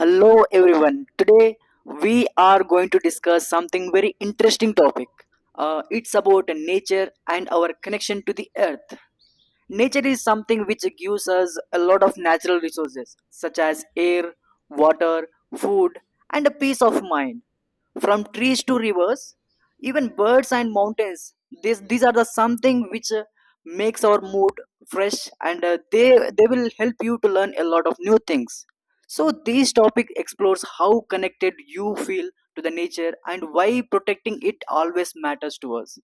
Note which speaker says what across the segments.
Speaker 1: Hello everyone. Today we are going to discuss something very interesting topic. It's about nature and our connection to the earth. Nature is something which gives us a lot of natural resources such as air, water, food, and a peace of mind, from trees to rivers, even birds and mountains. This these are the something which makes our mood fresh, and they will help you to learn a lot of new things. So this topic explores how connected you feel to the nature and why protecting it always matters to us.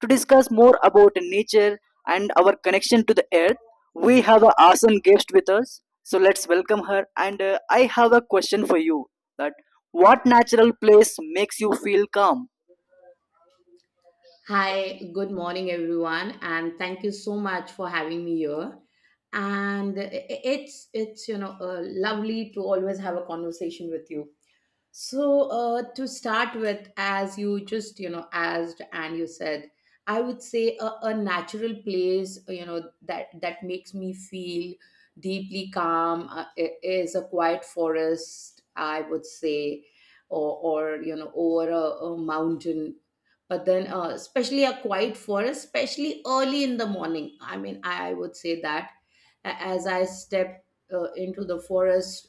Speaker 1: To discuss more about nature and our connection to the earth, we have an awesome guest with us, so let's welcome her. And I have a question for you, that what natural place makes you feel calm?
Speaker 2: Hi, good morning, everyone, and thank you so much for having me here. And it's lovely to always have a conversation with you. So, to start with, as you just, asked and you said, I would say a natural place, that makes me feel deeply calm, is a quiet forest, I would say, or, or over a mountain. But then, especially a quiet forest, especially early in the morning. I mean, I would say that as I step into the forest,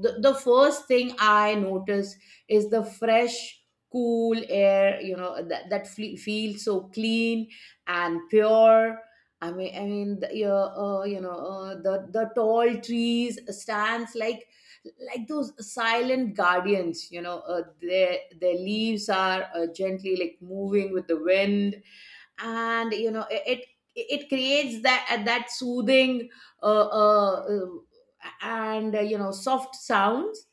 Speaker 2: the first thing I notice is the fresh, cool air, that feels so clean and pure. I mean, the, yeah, you know, the tall trees stands like those silent guardians. Their leaves are gently, like, moving with the wind, and it creates that soothing, uh, uh, uh, and soft sounds,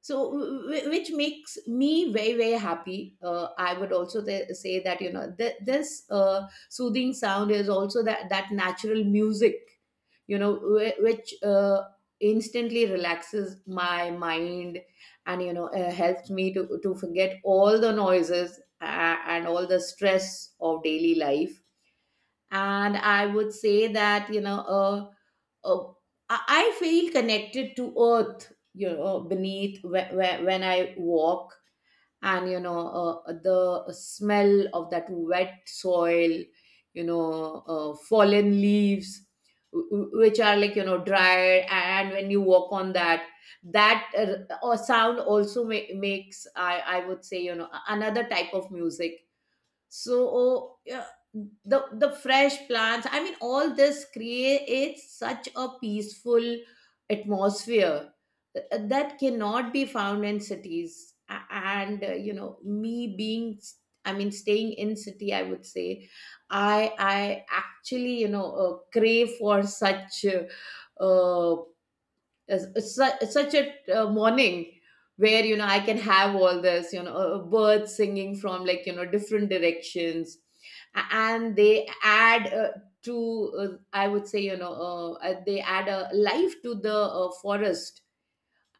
Speaker 2: so which makes me very, very happy. I would also say that, this soothing sound is also that natural music, which instantly relaxes my mind and helps me to forget all the noises, and all the stress of daily life. And I would say that, uh, uh, i I feel connected to earth, beneath, when I walk, and the smell of that wet soil, fallen leaves, which are, like, dried, and when you walk on that, that or sound also makes, I would say, another type of music. So, the fresh plants, I mean, all this creates such a peaceful atmosphere, that cannot be found in cities. And, me being, I mean, staying in city, I would say, I actually, crave for such, uh, it's such a morning where, I can have all this, birds singing from, like, different directions. And they add, to, I would say, they add a life to the forest,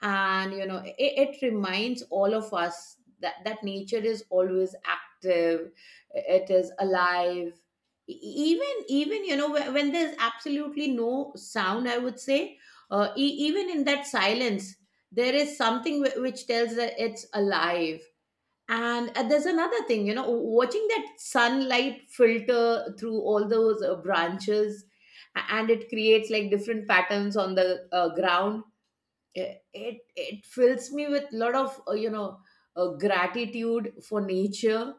Speaker 2: and it reminds all of us that nature is always active, it is alive. E- e, even even when there's absolutely no sound, I would say, even in that silence there is something which tells that it's alive. And there's another thing, watching that sunlight filter through all those branches, and it creates, like, different patterns on the ground. It fills me with a lot of, gratitude for nature,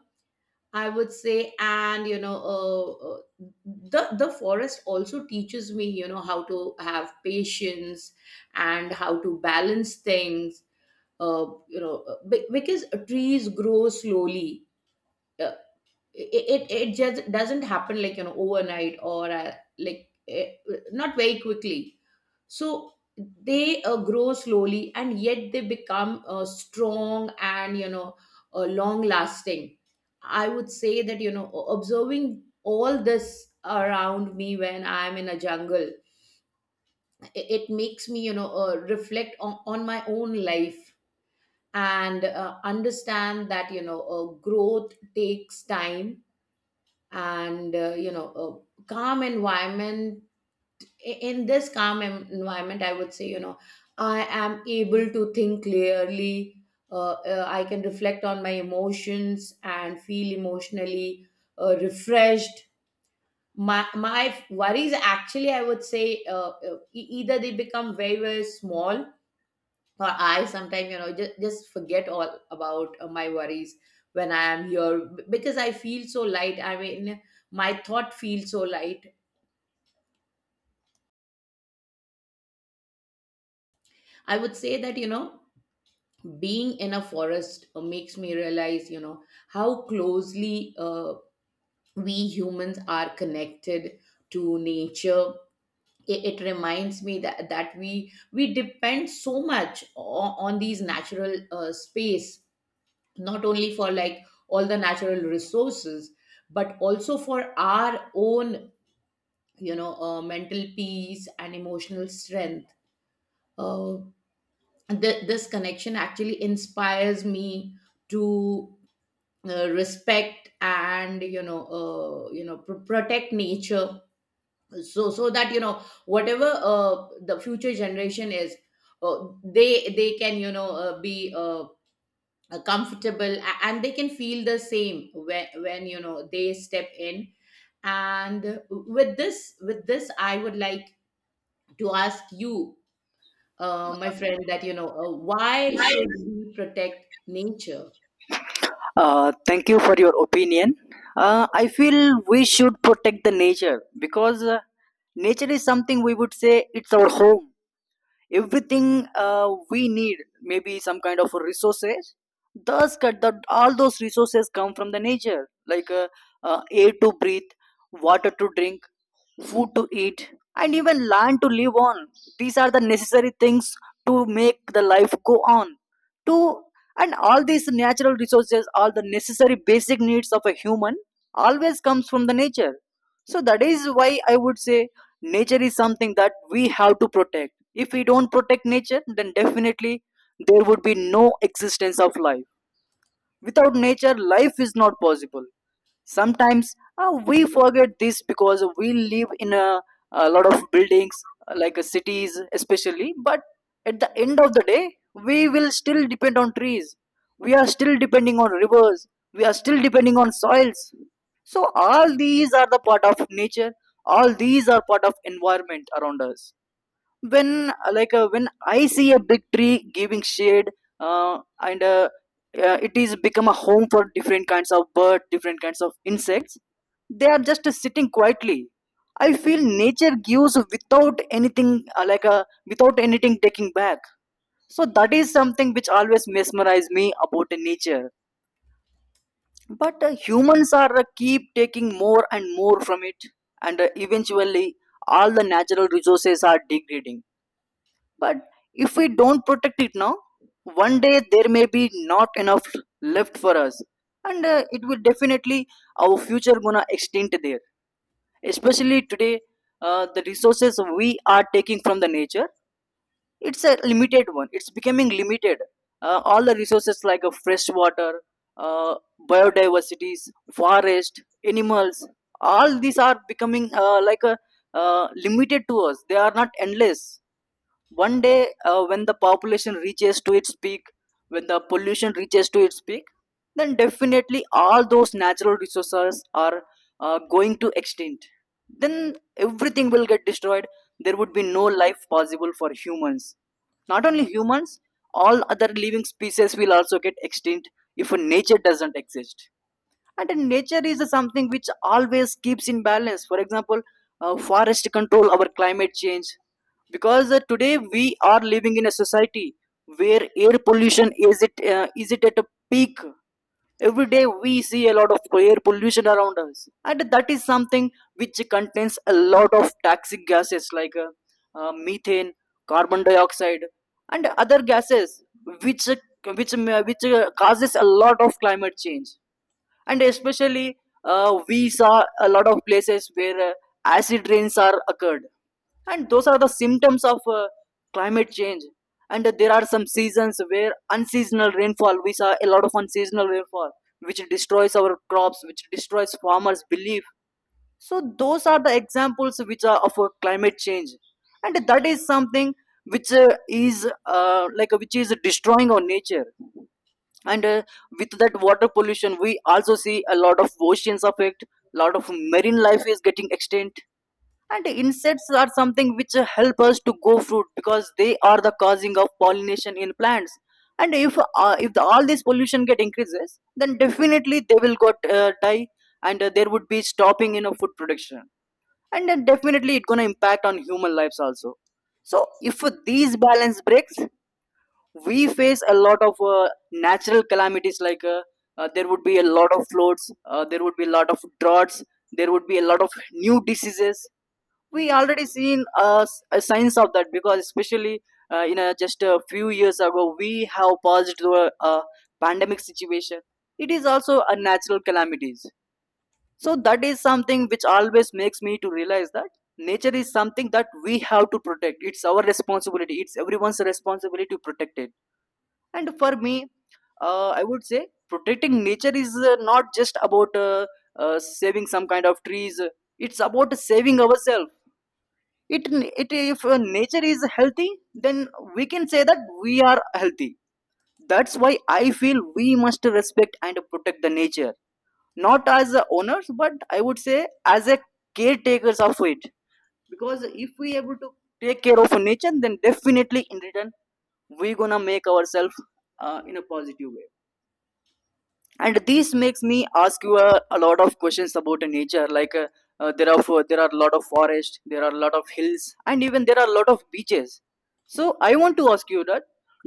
Speaker 2: I would say. And the forest also teaches me, how to have patience and how to balance things, because trees grow slowly. uh, it just doesn't happen, like, overnight, or, like eh, not very quickly. So they grow slowly, and yet they become strong and, long lasting, I would say. That Observing all this around me when I'm in a jungle, i- it makes me, reflect on my own life, and understand that, growth takes time. And you know a calm environment I- in this calm environment, I would say, I am able to think clearly. I can reflect on my emotions and feel emotionally refreshed. My worries, actually, I would say, either they become very, very small, or I sometimes, just forget all about my worries when I am here, because I feel so light. I mean, my thought feels so light. I would say that, being in a forest makes me realize, how closely, we humans are connected to nature. It reminds me that we depend so much on these natural space, not only for, like, all the natural resources, but also for our own, mental peace and emotional strength. uh, this connection actually inspires me to respect and, protect nature, so that, whatever the future generation is, they can, be comfortable, and they can feel the same when, they step in. And with this I would like to ask you, my friend, that, why should we protect nature?
Speaker 1: Thank you for your opinion. I feel we should protect the nature because nature is something, we would say it's our home. Everything we need, maybe some kind of resources, thus cut that all those resources come from the nature, like air to breathe, water to drink, food to eat, and even land to live on. These are the necessary things to make the life go on to. And all these natural resources, all the necessary basic needs of a human, always comes from the nature. So that is why I would say nature is something that we have to protect. If we don't protect nature, then definitely there would be no existence of life. Without nature, life is not possible. Sometimes we forget this because we live in a lot of buildings, cities especially, but at the end of the day, we will still depend on trees. We are still depending on rivers. We are still depending on soils. So all these are the part of nature. All these are part of environment around us. When I see a big tree giving shade, and it is become a home for different kinds of birds, different kinds of insects. They are just sitting quietly. I feel nature gives without anything, like a without anything taking back. So that is something which always mesmerize me about nature. But humans are keep taking more and more from it, and eventually all the natural resources are degrading. But if we don't protect it now, one day there may be not enough left for us, and it will definitely, our future gonna extend there. Especially today, the resources we are taking from the nature, it's a limited one. It's becoming limited. All the resources like fresh water, uh, biodiversities, forest, animals, all these are becoming like a limited to us. They are not endless. One day when the population reaches to its peak, when the pollution reaches to its peak, then definitely all those natural resources are going to extinct. Then everything will get destroyed. There would be no life possible for humans, not only humans, all other living species will also get extinct if nature doesn't exist. And nature is something which always keeps in balance. For example, forest control our climate change, because today we are living in a society where air pollution is it, is it at a peak. Every day we see a lot of air pollution around us, and that is something which contains a lot of toxic gases, like methane, carbon dioxide, and other gases which causes a lot of climate change. And especially we saw a lot of places where acid rains are occurred, and those are the symptoms of climate change. And there are some seasons where unseasonal rainfall, we saw a lot of unseasonal rainfall which destroys our crops, which destroys farmers belief. So those are the examples which are of climate change, and that is something which is like which is destroying our nature. And with that water pollution, we also see a lot of oceans affect, lot of marine life is getting extinct. And insects are something which help us to grow fruit, because they are the causing of pollination in plants. And if all this pollution get increases, then definitely they will got die, and there would be stopping in a food production, and then definitely it's going to impact on human lives also. So if these balance breaks, we face a lot of natural calamities, like there would be a lot of floods, there would be a lot of droughts, there would be a lot of new diseases. We already seen a signs of that, because especially just a few years ago we have passed through a pandemic situation. It is also a natural calamities. So that is something which always makes me to realize that nature is something that we have to protect. It's our responsibility, it's everyone's responsibility to protect it. And for me, I would say protecting nature is not just about saving some kind of trees, it's about saving ourselves. It, it if uh, nature is healthy, then we can say that we are healthy. That's why I feel we must respect and protect the nature, not as owners, but I would say as a caretakers of it. Because if we able to take care of nature, then definitely in return we gonna make ourselves in a positive way. And this makes me ask you a lot of questions about nature, like there are a lot of forest, there are a lot of hills, and even there are a lot of beaches. So I want to ask you that,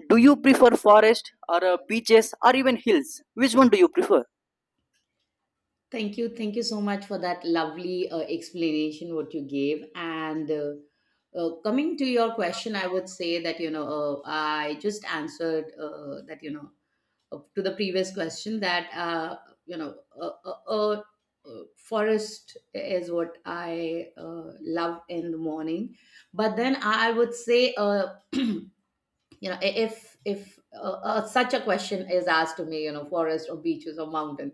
Speaker 1: do you prefer forest or beaches or even hills? Which one do you prefer?
Speaker 2: Thank you. Thank you so much for that lovely explanation what you gave. And coming to your question, I would say that, I just answered, that, to the previous question that, you know, uh, uh, uh, forest is what I love in the morning. But then I would say, if such a question is asked to me, forest or beaches or mountain,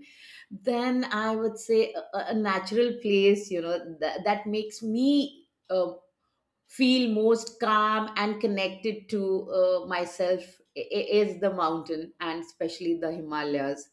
Speaker 2: then I would say a natural place, that makes me feel most calm and connected to myself. Is the mountain, and especially the Himalayas.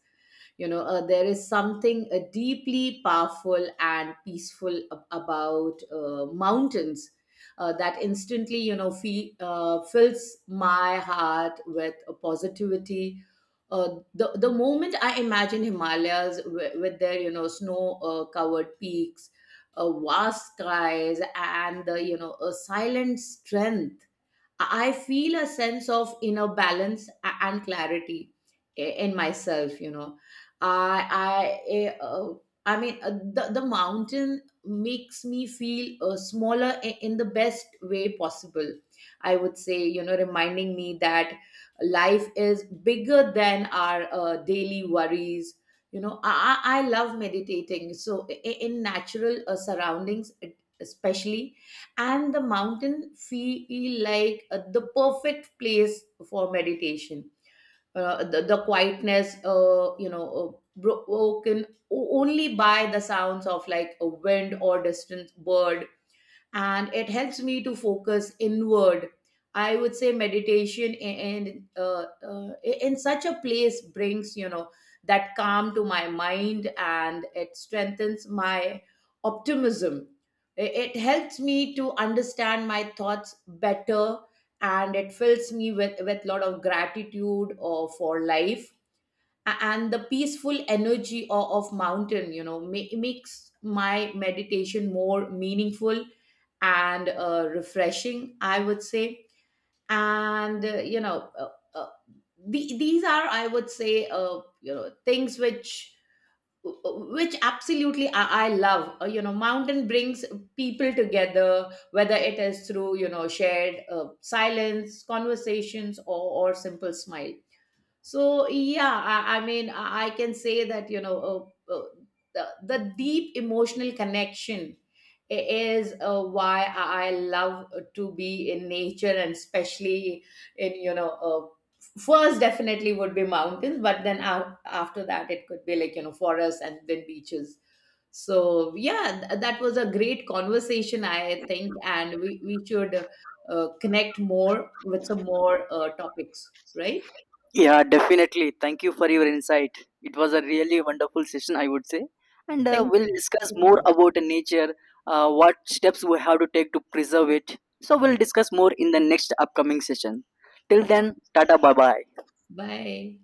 Speaker 2: There is something deeply powerful and peaceful about mountains, that instantly, fills my heart with a positivity. The moment I imagine Himalayas with, their, snow covered peaks, vast skies, and the, a silent strength, I feel a sense of inner balance and clarity in myself. I I eh, uh, I mean, the mountain makes me feel smaller in the best way possible. I would say, reminding me that life is bigger than our daily worries. I love meditating. So in natural surroundings, especially, and the mountain feel like the perfect place for meditation. The quietness, broken only by the sounds of, like, a wind or distant bird, and it helps me to focus inward, I would say. Meditation in, in such a place brings, that calm to my mind, and it strengthens my optimism. It helps me to understand my thoughts better, and it fills me with, lot of gratitude or for life. And the peaceful energy of mountain, makes my meditation more meaningful and refreshing, I would say. And these are, I would say, things which, which absolutely I love. Mountain brings people together, whether it is through, shared silence conversations, or simple smile. So, yeah, I mean, I can say that, the deep emotional connection is why I love to be in nature, and especially in, first definitely would be mountains, but then after that it could be, like, forests, and then beaches. So, yeah, that was a great conversation, I think, and we should connect more with some more topics, right?
Speaker 1: Yeah, definitely. Thank you for your insight. It was a really wonderful session, I would say. And
Speaker 2: Thank
Speaker 1: we'll
Speaker 2: you.
Speaker 1: discuss
Speaker 2: Thank you so
Speaker 1: more
Speaker 2: much.
Speaker 1: about nature, what steps we have to take to preserve it. So, we'll discuss more in the next upcoming session. Till then,
Speaker 2: Absolutely.
Speaker 1: tata bye bye.
Speaker 2: Bye.